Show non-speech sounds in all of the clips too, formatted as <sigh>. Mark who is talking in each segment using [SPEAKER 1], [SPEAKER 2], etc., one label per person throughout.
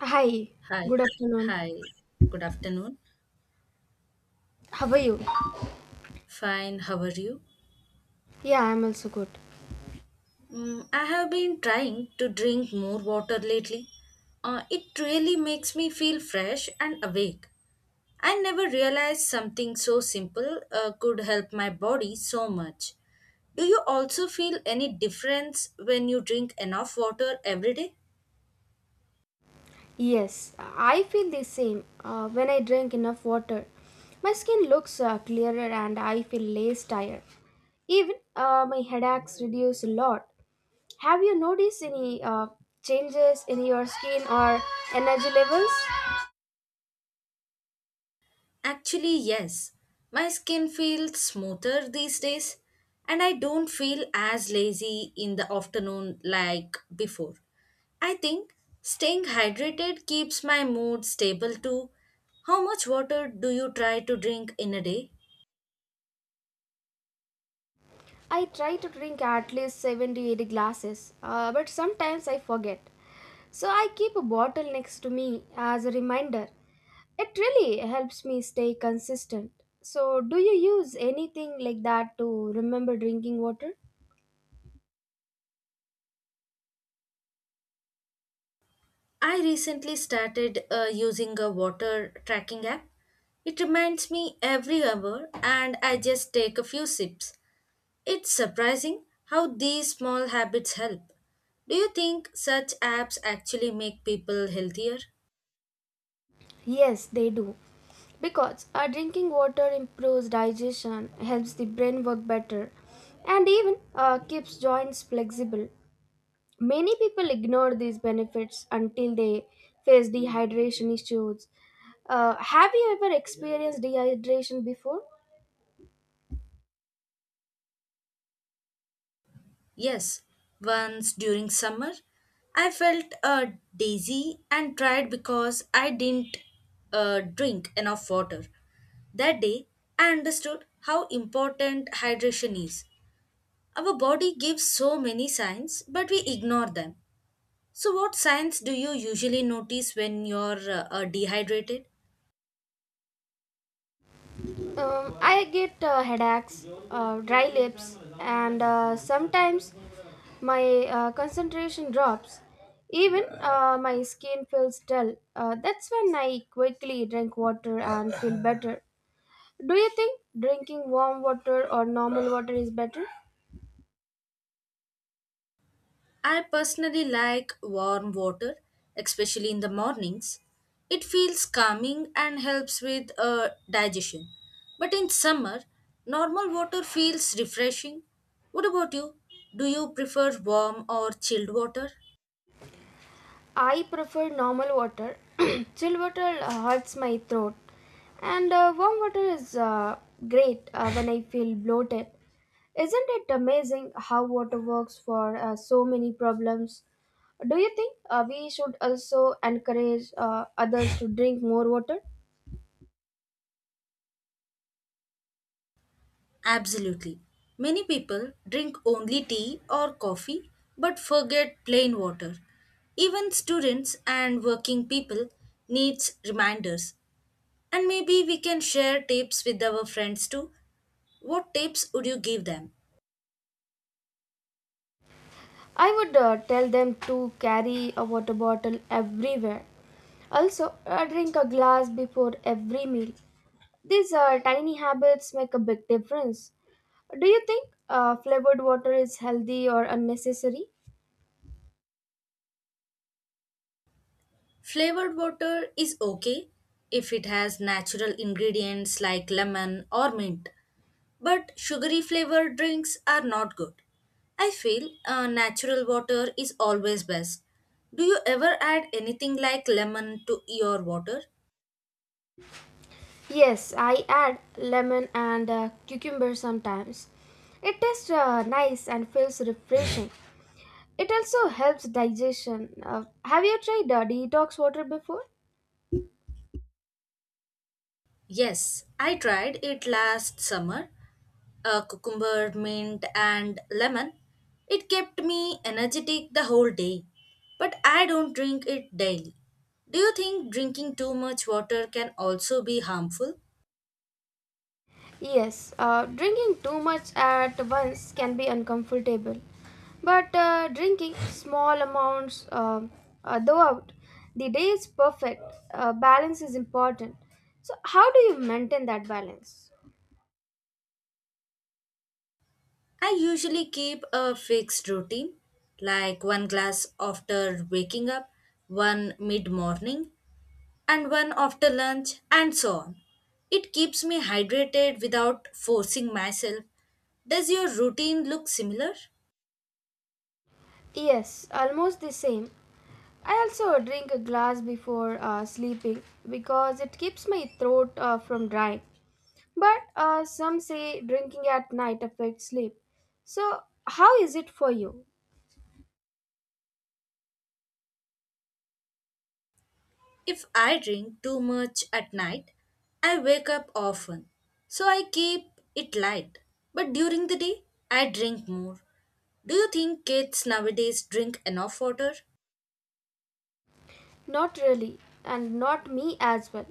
[SPEAKER 1] Hi,
[SPEAKER 2] Hi.
[SPEAKER 1] good afternoon.
[SPEAKER 2] Hi. Good afternoon.
[SPEAKER 1] How are you?
[SPEAKER 2] Fine. How are you?
[SPEAKER 1] Yeah, I'm also good.
[SPEAKER 2] I have been trying to drink more water lately. It really makes me feel fresh and awake. I never realized something so simple could help my body so much. Do you also feel any difference when you drink enough water every day?
[SPEAKER 1] Yes, I feel the same. When I drink enough water, my skin looks clearer and I feel less tired. Even my headaches reduce a lot. Have you noticed any changes in your skin or energy levels?
[SPEAKER 2] Actually, yes. My skin feels smoother these days, and I don't feel as lazy in the afternoon like before. I think staying hydrated keeps my mood stable too. How much water do you try to drink in a day?
[SPEAKER 1] I try to drink at least 7 to 8 glasses, but sometimes I forget. So I keep a bottle next to me as a reminder. It really helps me stay consistent. So, do you use anything like that to remember drinking water?
[SPEAKER 2] I recently started using a water tracking app. It reminds me every hour, and I just take a few sips. It's surprising how these small habits help. Do you think such apps actually make people healthier?
[SPEAKER 1] Yes, they do. Because drinking water improves digestion, helps the brain work better, and even keeps joints flexible. Many people ignore these benefits until they face dehydration issues. Have you ever experienced dehydration before?
[SPEAKER 2] Yes, once during summer, I felt dizzy and tired because I didn't drink enough water. That day, I understood how important hydration is. Our body gives so many signs, but we ignore them. So, what signs do you usually notice when you're dehydrated?
[SPEAKER 1] I get headaches, dry lips, and sometimes my concentration drops. Even my skin feels dull. That's when I quickly drink water and feel better. Do you think drinking warm water or normal water is better?
[SPEAKER 2] I personally like warm water, especially in the mornings. It feels calming and helps with digestion. But in summer, normal water feels refreshing. What about you? Do you prefer warm or chilled water?
[SPEAKER 1] I prefer normal water. <clears throat> Chill water hurts my throat, and warm water is great when I feel bloated. Isn't it amazing how water works for so many problems? Do you think we should also encourage others to drink more water?
[SPEAKER 2] Absolutely. Many people drink only tea or coffee but forget plain water. Even students and working people needs reminders. And maybe we can share tips with our friends too. What tips would you give them?
[SPEAKER 1] I would tell them to carry a water bottle everywhere. Also, drink a glass before every meal. These tiny habits make a big difference. Do you think flavored water is healthy or unnecessary?
[SPEAKER 2] Flavored water is okay if it has natural ingredients like lemon or mint, but sugary flavored drinks are not good. I feel natural water is always best. Do you ever add anything like lemon to your water?
[SPEAKER 1] Yes, I add lemon and cucumber sometimes. It tastes nice and feels refreshing. It also helps digestion. Have you tried detox water before?
[SPEAKER 2] Yes, I tried it last summer. A cucumber, mint, and lemon. It kept me energetic the whole day, but I don't drink it daily. Do you think drinking too much water can also be harmful?
[SPEAKER 1] Yes, drinking too much at once can be uncomfortable, but drinking small amounts throughout the day is perfect. Balance is important. So, how do you maintain that balance?
[SPEAKER 2] I usually keep a fixed routine, like one glass after waking up, one mid morning, and one after lunch, and so on. It keeps me hydrated without forcing myself. Does your routine look similar?
[SPEAKER 1] Yes, almost the same. I also drink a glass before sleeping because it keeps my throat from drying. But some say drinking at night affects sleep. So, how is it for you?
[SPEAKER 2] If I drink too much at night, I wake up often, so I keep it light. But during the day, I drink more. Do you think kids nowadays drink enough water?
[SPEAKER 1] Not really, and not me as well.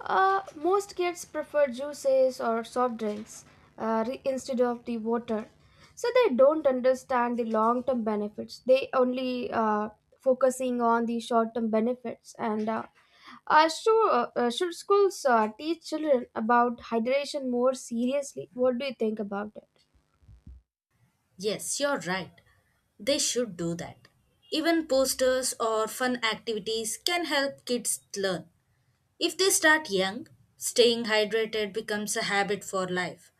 [SPEAKER 1] Most kids prefer juices or soft drinks instead of the water. So they don't understand the long term benefits. They only focusing on the short term benefits. And sure, should schools teach children about hydration more seriously? What do you think about it?
[SPEAKER 2] Yes, you're right. They should do that. Even posters or fun activities can help kids learn. If they start young, staying hydrated becomes a habit for life.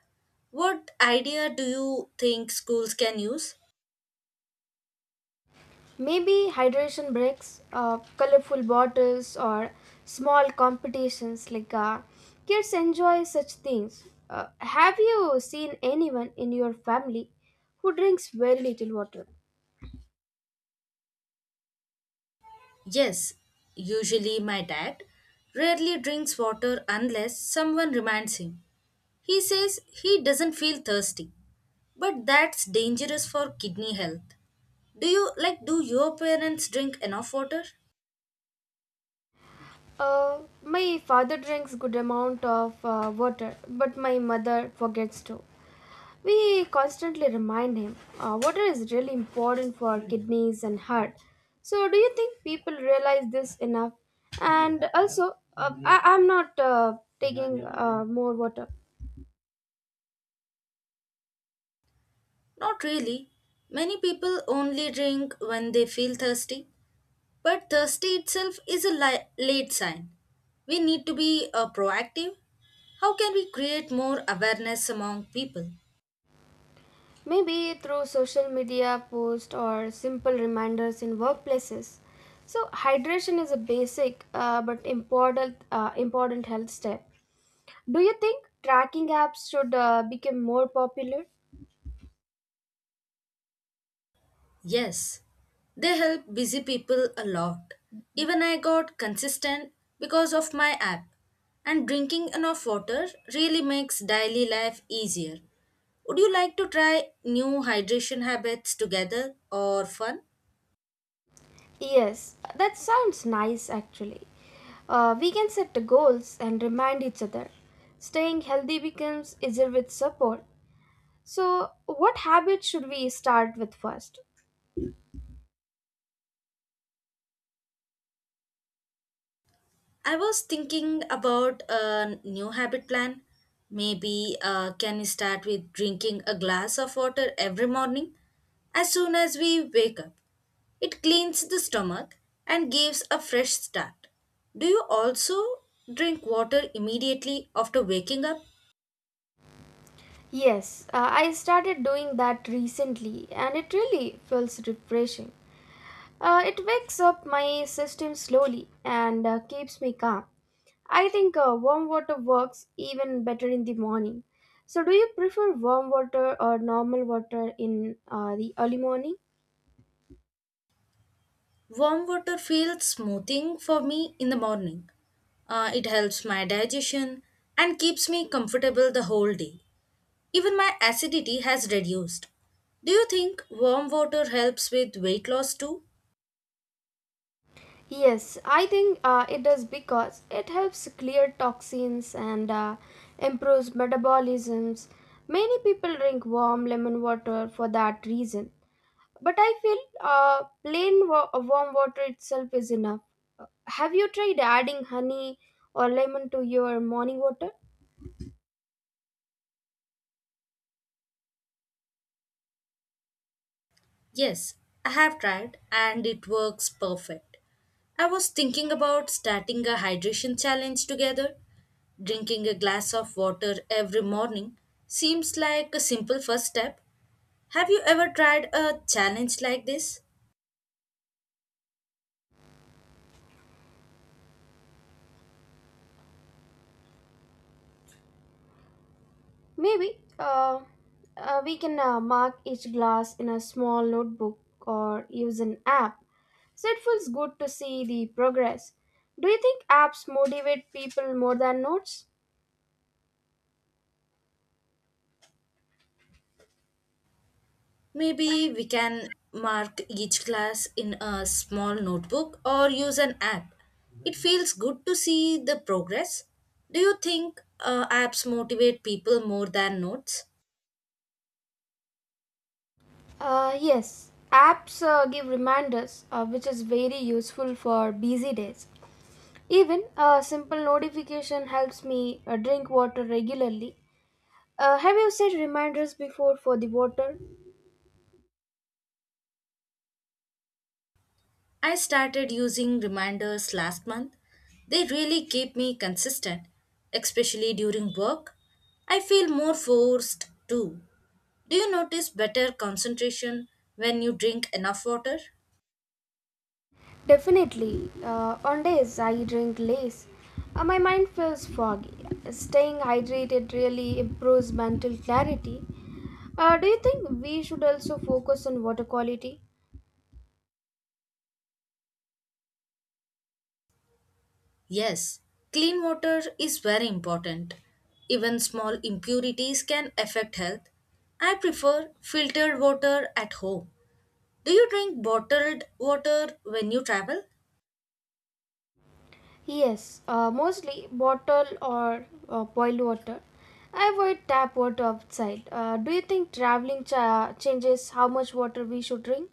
[SPEAKER 2] What idea do you think schools can use?
[SPEAKER 1] Maybe hydration breaks, colorful bottles, or small competitions like kids enjoy such things. Have you seen anyone in your family who drinks very little water?
[SPEAKER 2] Yes, usually my dad rarely drinks water unless someone reminds him. He says he doesn't feel thirsty, but that's dangerous for kidney health. Do you like do your parents drink enough water?
[SPEAKER 1] My father drinks good amount of water, but my mother forgets to. We constantly remind him water is really important for kidneys and heart. So, do you think people realize this enough? And also, I'm not taking more water.
[SPEAKER 2] Not really. Many people only drink when they feel thirsty, but thirsty itself is a late sign. We need to be proactive. How can we create more awareness among people?
[SPEAKER 1] Maybe through social media posts or simple reminders in workplaces. So, hydration is a basic but important health step. Do you think tracking apps should become more popular?
[SPEAKER 2] Yes, they help busy people a lot. Even I got consistent because of my app, and drinking enough water really makes daily life easier. Would you like to try new hydration habits together or fun?
[SPEAKER 1] Yes, that sounds nice actually. We can set the goals and remind each other. Staying healthy becomes easier with support. So, what habit should we start with first?
[SPEAKER 2] I was thinking about a new habit plan. Maybe can we start with drinking a glass of water every morning as soon as we wake up. It cleans the stomach and gives a fresh start. Do you also drink water immediately after waking up?
[SPEAKER 1] Yes, I started doing that recently and it really feels refreshing. It wakes up my system slowly and keeps me calm. I think warm water works even better in the morning. So, do you prefer warm water or normal water in the early morning?
[SPEAKER 2] Warm water feels smoothing for me in the morning. It helps my digestion and keeps me comfortable the whole day. Even my acidity has reduced. Do you think warm water helps with weight loss too?
[SPEAKER 1] Yes, I think it does because it helps clear toxins and improves metabolisms. Many people drink warm lemon water for that reason. But I feel warm water itself is enough. Have you tried adding honey or lemon to your morning water?
[SPEAKER 2] Yes, I have tried and it works perfect. I was thinking about starting a hydration challenge together. Drinking a glass of water every morning seems like a simple first step. Have you ever tried a challenge like this?
[SPEAKER 1] Maybe we can mark each glass in a small notebook or use an app. So it feels good to see the progress. Do you think apps motivate people more than notes?
[SPEAKER 2] Maybe we can mark each class in a small notebook or use an app. It feels good to see the progress. Do you think apps motivate people more than notes?
[SPEAKER 1] Yes, apps give reminders, which is very useful for busy days. Even a simple notification helps me drink water regularly. Have you set reminders before for the water?
[SPEAKER 2] I started using reminders last month. They really keep me consistent, especially during work. I feel more forced too. Do you notice better concentration when you drink enough water?
[SPEAKER 1] Definitely. On days I drink less, my mind feels foggy. Staying hydrated really improves mental clarity. Do you think we should also focus on water quality?
[SPEAKER 2] Yes, clean water is very important. Even small impurities can affect health. I prefer filtered water at home. Do you drink bottled water when you travel?
[SPEAKER 1] Yes, mostly bottle or boiled water. I avoid tap water outside. Do you think traveling changes how much water we should drink?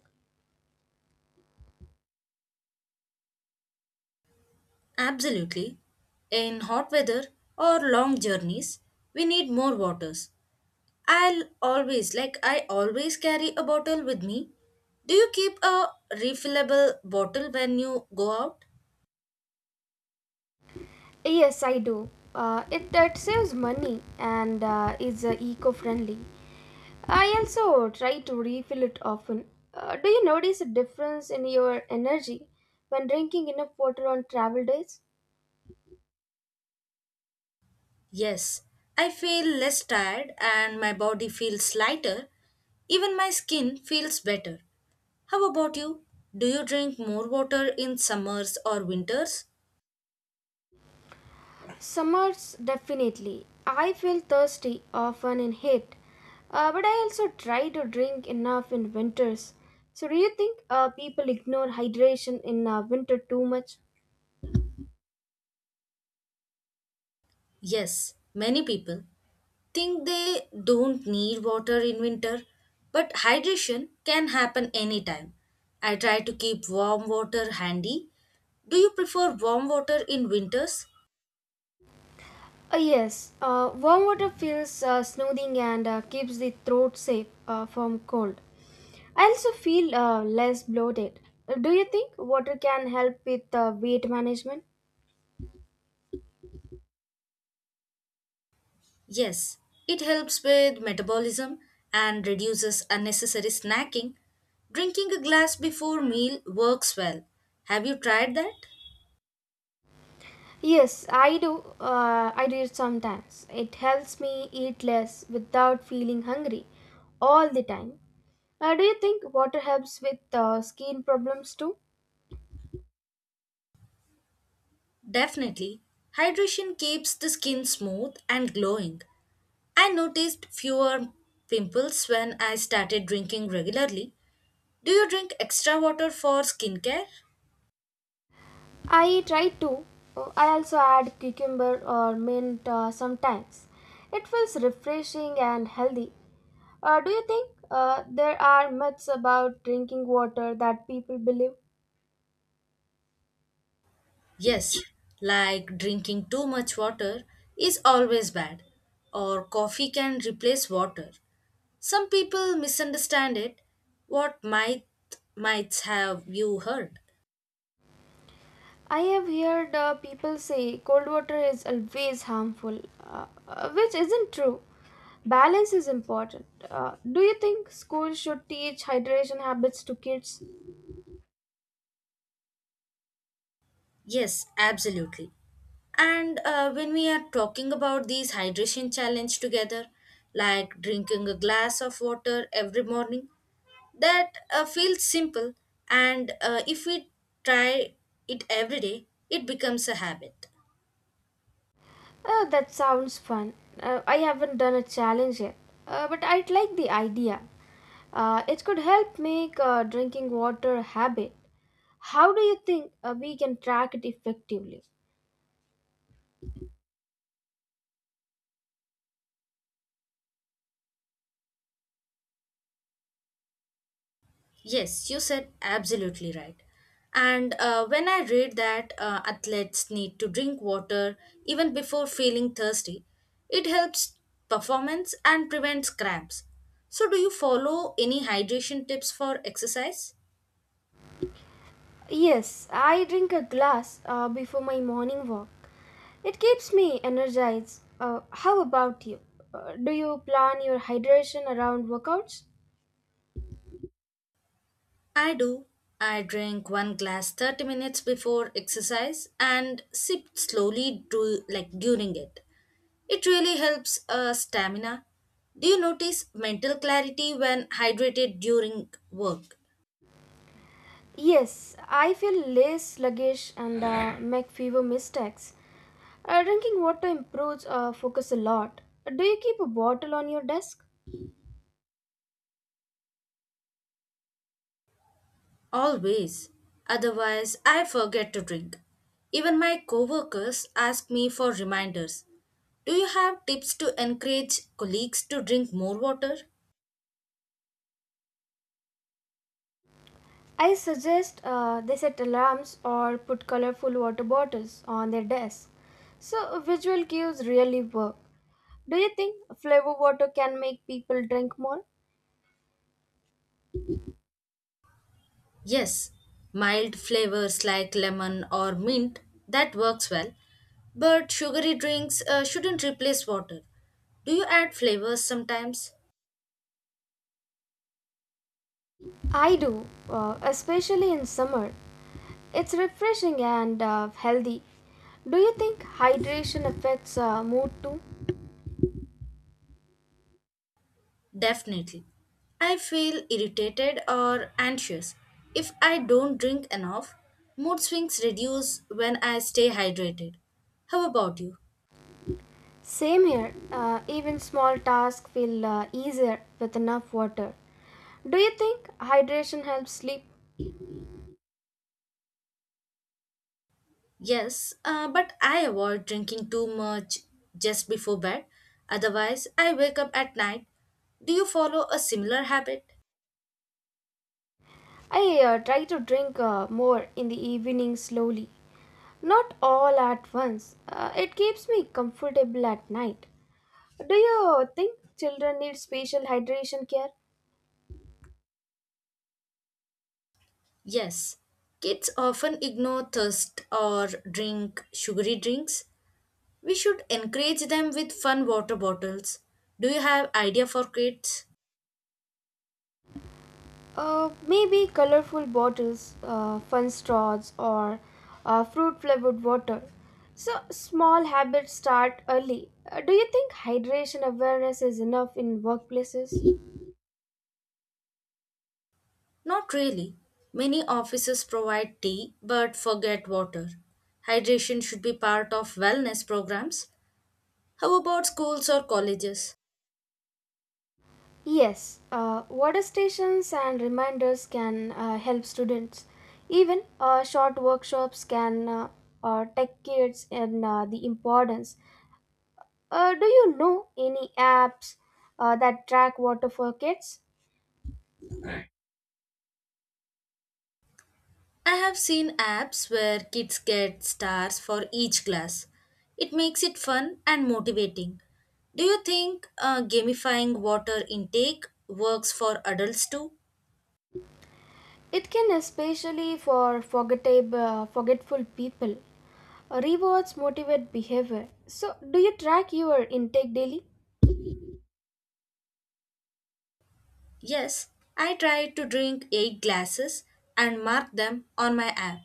[SPEAKER 2] Absolutely. In hot weather or long journeys, we need more waters. I always carry a bottle with me. Do you keep a refillable bottle when you go out?
[SPEAKER 1] Yes, I do. It saves money and is eco friendly. I also try to refill it often. Do you notice a difference in your energy when drinking enough water on travel days?
[SPEAKER 2] Yes, I feel less tired and my body feels lighter. Even my skin feels better. How about you? Do you drink more water in summers or winters?
[SPEAKER 1] Summers, definitely. I feel thirsty often in heat, but I also try to drink enough in winters. So, do you think people ignore hydration in winter too much?
[SPEAKER 2] Yes, many people think they don't need water in winter, but hydration can happen anytime. I try to keep warm water handy. Do you prefer warm water in winters?
[SPEAKER 1] Yes, warm water feels soothing and keeps the throat safe from cold. I also feel less bloated. Do you think water can help with weight management?
[SPEAKER 2] Yes, it helps with metabolism and reduces unnecessary snacking. Drinking a glass before meal works well. Have you tried that?
[SPEAKER 1] Yes, I do. I do it sometimes. It helps me eat less without feeling hungry all the time. Do you think water helps with skin problems too?
[SPEAKER 2] Definitely. Hydration keeps the skin smooth and glowing. I noticed fewer pimples when I started drinking regularly. Do you drink extra water for skincare?
[SPEAKER 1] I try to. I also add cucumber or mint sometimes. It feels refreshing and healthy. Do you think there are myths about drinking water that people believe?
[SPEAKER 2] Yes, like drinking too much water is always bad, or coffee can replace water. Some people misunderstand it. What might have you heard?
[SPEAKER 1] I have heard people say cold water is always harmful, which isn't true. Balance is important. Do you think schools should teach hydration habits to kids?
[SPEAKER 2] Yes, absolutely. And when we are talking about these hydration challenge together, like drinking a glass of water every morning, that feels simple. And if we try it every day, it becomes a habit.
[SPEAKER 1] Oh, that sounds fun. I haven't done a challenge yet, but I'd like the idea. It could help make drinking water a habit. How do you think we can track it effectively?
[SPEAKER 2] Yes, you said absolutely right. And when I read that athletes need to drink water even before feeling thirsty, it helps performance and prevents cramps. So, do you follow any hydration tips for exercise?
[SPEAKER 1] Yes, I drink a glass before my morning walk. It keeps me energized. How about you? Do you plan your hydration around workouts?
[SPEAKER 2] I do. I drink one glass 30 minutes before exercise and sip slowly like during it. It really helps stamina. Do you notice mental clarity when hydrated during work?
[SPEAKER 1] Yes, I feel less sluggish and make fewer mistakes. Drinking water improves focus a lot. Do you keep a bottle on your desk?
[SPEAKER 2] Always. Otherwise, I forget to drink. Even my coworkers ask me for reminders. Do you have tips to encourage colleagues to drink more water?
[SPEAKER 1] I suggest they set alarms or put colorful water bottles on their desk. So, visual cues really work. Do you think flavor water can make people drink more?
[SPEAKER 2] Yes, mild flavors like lemon or mint that works well, but sugary drinks shouldn't replace water. Do you add flavors sometimes?
[SPEAKER 1] I do, especially in summer. It's refreshing and healthy. Do you think hydration affects mood too?
[SPEAKER 2] Definitely. I feel irritated or anxious if I don't drink enough. Mood swings reduce when I stay hydrated. How about you?
[SPEAKER 1] Same here. Even small tasks feel easier with enough water. Do you think hydration helps sleep?
[SPEAKER 2] Yes, but I avoid drinking too much just before bed. Otherwise, I wake up at night. Do you follow a similar habit?
[SPEAKER 1] I try to drink more in the evening slowly, not all at once. It keeps me comfortable at night. Do you think children need special hydration care?
[SPEAKER 2] Yes. Kids often ignore thirst or drink sugary drinks. We should encourage them with fun water bottles. Do you have idea for kids?
[SPEAKER 1] Maybe colorful bottles, fun straws, or fruit flavored water. So, small habits start early. Do you think hydration awareness is enough in workplaces?
[SPEAKER 2] Not really. Many offices provide tea but forget water. Hydration should be part of wellness programs. How about schools or colleges?
[SPEAKER 1] Yes, water stations and reminders can help students. Even short workshops can take kids in the importance. Do you know any apps that track water for kids?
[SPEAKER 2] I have seen apps where kids get stars for each class. It makes it fun and motivating. Do you think gamifying water intake works for adults too?
[SPEAKER 1] It can especially for forgetful people. Rewards motivate behavior. So, do you track your intake daily?
[SPEAKER 2] Yes, I try to drink 8 glasses and mark them on my app.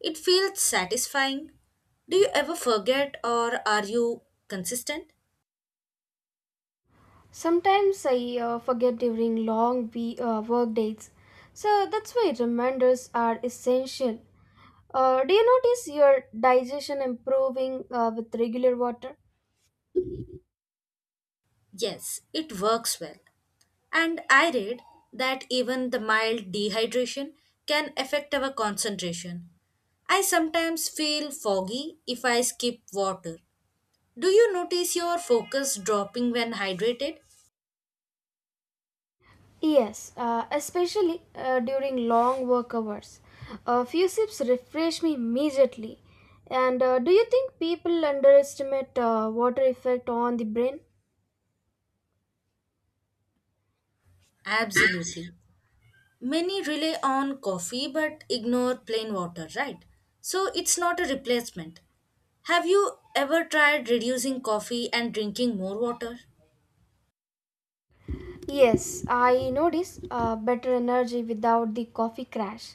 [SPEAKER 2] It feels satisfying. Do you ever forget or are you consistent?
[SPEAKER 1] Sometimes I forget during long work days. So, that's why reminders are essential. Do you notice your digestion improving with regular water?
[SPEAKER 2] Yes, it works well. And I read that even the mild dehydration can affect our concentration. I sometimes feel foggy if I skip water. Do you notice your focus dropping when hydrated?
[SPEAKER 1] Yes, especially during long work hours. A few sips refresh me immediately. And do you think people underestimate water effect on the brain?
[SPEAKER 2] Absolutely. Many rely on coffee but ignore plain water, right? So it's not a replacement. Have you ever tried reducing coffee and drinking more water?
[SPEAKER 1] Yes, I notice better energy without the coffee crash.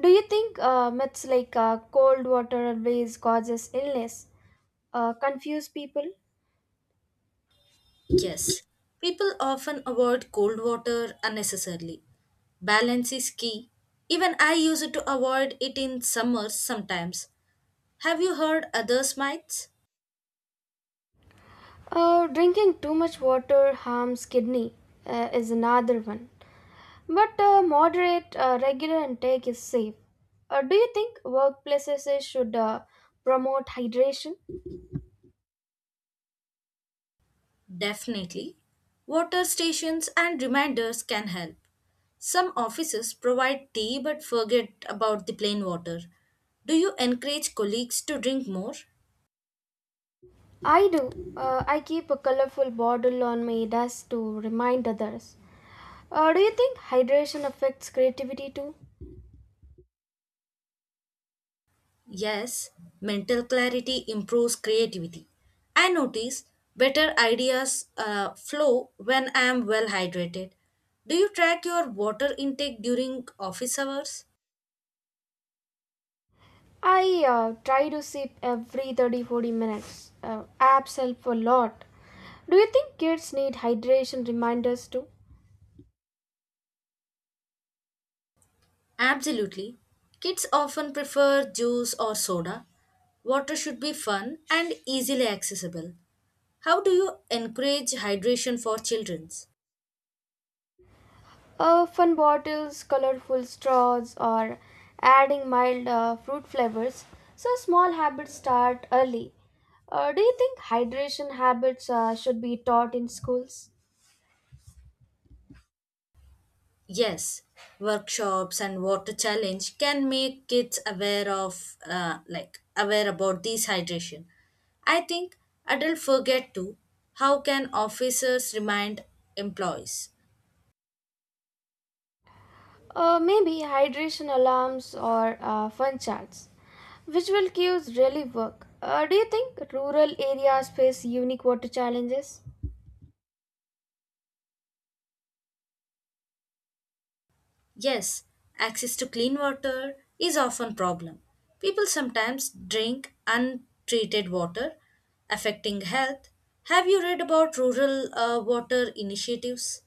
[SPEAKER 1] Do you think myths like cold water always causes illness confuse people?
[SPEAKER 2] Yes. People often avoid cold water unnecessarily. Balance is key. Even I use it to avoid it in summers sometimes. Have you heard others' mites?
[SPEAKER 1] Drinking too much water harms kidney is another one. But moderate, regular intake is safe. Do you think workplaces should promote hydration?
[SPEAKER 2] Definitely. Water stations and reminders can help. Some offices provide tea but forget about the plain water. Do you encourage colleagues to drink more?
[SPEAKER 1] I do. I keep a colorful bottle on my desk to remind others. Do you think hydration affects creativity too?
[SPEAKER 2] Yes, mental clarity improves creativity. I notice better ideas flow when I am well hydrated. Do you track your water intake during office hours?
[SPEAKER 1] I try to sip every 30 to 40 minutes. Apps help a lot. Do you think kids need hydration reminders too?
[SPEAKER 2] Absolutely. Kids often prefer juice or soda. Water should be fun and easily accessible. How do you encourage hydration for children?
[SPEAKER 1] Fun bottles, colorful straws, or adding mild fruit flavors. So, small habits start early. Do you think hydration habits should be taught in schools?
[SPEAKER 2] Yes, workshops and water challenge can make kids aware of like aware about these hydration. I think adults forget too. How can officers remind employees?
[SPEAKER 1] Maybe hydration alarms or fun charts. Visual cues really work. Do you think rural areas face unique water challenges?
[SPEAKER 2] Yes, access to clean water is often problem. People sometimes drink untreated water, affecting health. Have you read about rural water initiatives?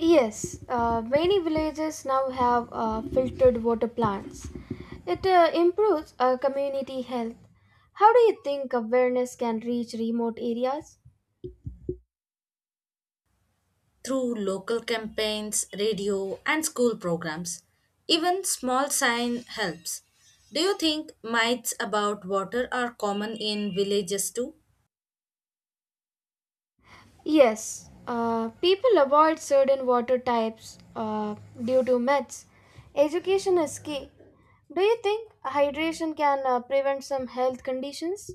[SPEAKER 1] Yes, many villages now have filtered water plants. It improves community health. How do you think awareness can reach remote areas?
[SPEAKER 2] Through local campaigns, radio, and school programs. Even small sign helps. Do you think myths about water are common in villages too?
[SPEAKER 1] Yes, people avoid certain water types due to myths. Education is key. Do you think hydration can prevent some health conditions?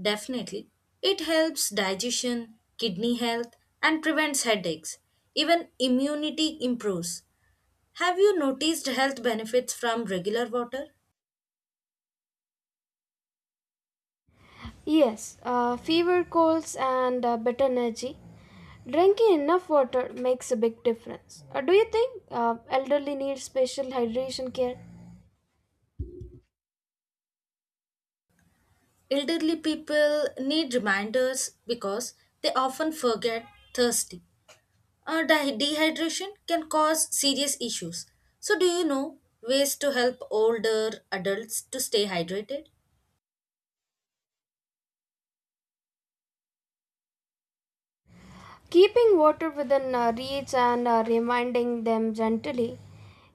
[SPEAKER 2] Definitely. It helps digestion, kidney health, and prevents headaches. Even immunity improves. Have you noticed health benefits from regular water?
[SPEAKER 1] Yes, fever, colds, and better energy. Drinking enough water makes a big difference. Do you think elderly need special hydration care?
[SPEAKER 2] Elderly people need reminders because they often forget thirsty. Dehydration can cause serious issues. So, do you know ways to help older adults to stay hydrated?
[SPEAKER 1] Keeping water within reach and reminding them gently,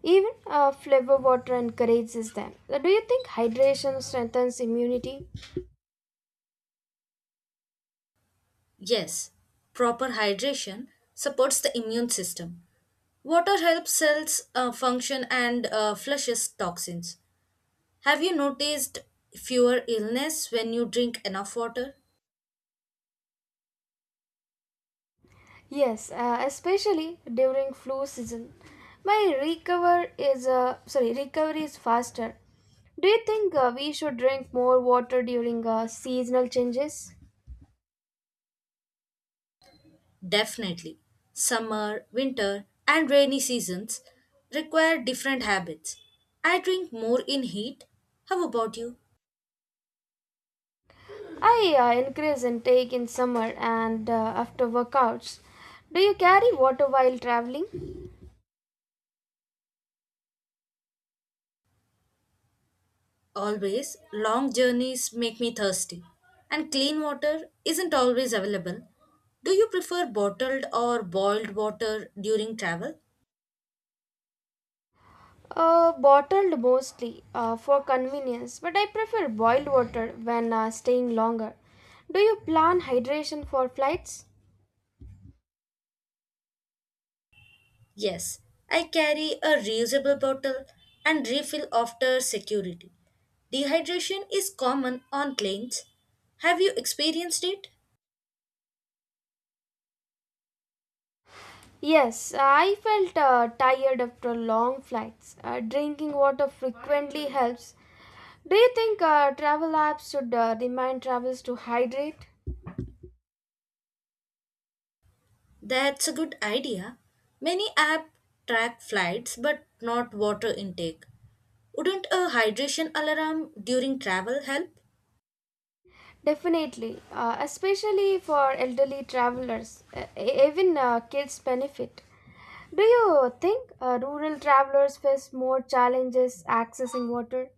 [SPEAKER 1] even flavor water encourages them. Do you think hydration strengthens immunity?
[SPEAKER 2] Yes, proper hydration supports the immune system. Water helps cells function and flushes toxins. Have you noticed fewer illness when you drink enough water?
[SPEAKER 1] Yes, especially during flu season. My recovery is faster. Do you think we should drink more water during seasonal changes?
[SPEAKER 2] Definitely. Summer, winter, and rainy seasons require different habits. I drink more in heat. How about you?
[SPEAKER 1] I increase intake in summer and after workouts. Do you carry water while traveling?
[SPEAKER 2] Always, long journeys make me thirsty, and clean water isn't always available. Do you prefer bottled or boiled water during travel?
[SPEAKER 1] Bottled mostly for convenience, but I prefer boiled water when staying longer. Do you plan hydration for flights?
[SPEAKER 2] Yes, I carry a reusable bottle and refill after security. Dehydration is common on planes. Have you experienced it?
[SPEAKER 1] Yes, I felt tired after long flights. Drinking water frequently helps. Do you think travel apps should remind travelers to hydrate?
[SPEAKER 2] That's a good idea. Many apps track flights but not water intake. Wouldn't a hydration alarm during travel help?
[SPEAKER 1] Definitely, especially for elderly travelers, even kids benefit. Do you think rural travelers face more challenges accessing water?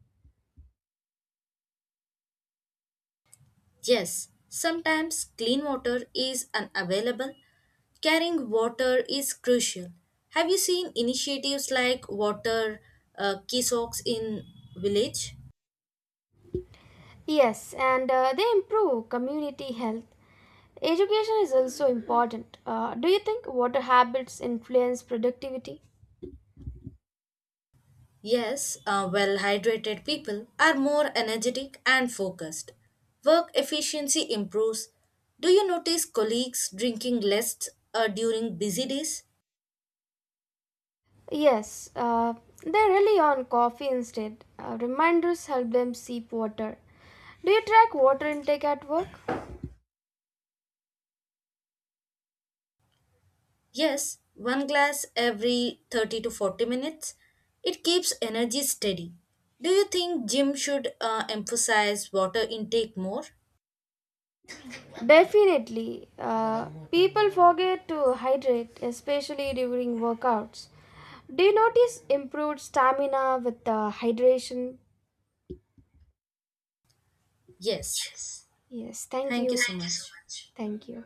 [SPEAKER 2] Yes, sometimes clean water is unavailable. Carrying water is crucial. Have you seen initiatives like water kiosks in village?
[SPEAKER 1] Yes, and they improve community health. Education is also important. Do you think water habits influence productivity?
[SPEAKER 2] Yes, well hydrated people are more energetic and focused. Work efficiency improves. Do you notice colleagues drinking less during busy days?
[SPEAKER 1] Yes, they rely on coffee instead. Reminders help them sip water. Do you track water intake at work?
[SPEAKER 2] Yes, one glass every 30 to 40 minutes. It keeps energy steady. Do you think gym should emphasize water intake more?
[SPEAKER 1] Definitely. People forget to hydrate, especially during workouts. Do you notice improved stamina with the hydration?
[SPEAKER 2] Yes.
[SPEAKER 1] Yes, thank
[SPEAKER 2] Thank you
[SPEAKER 1] you.
[SPEAKER 2] so much.
[SPEAKER 1] Thank you.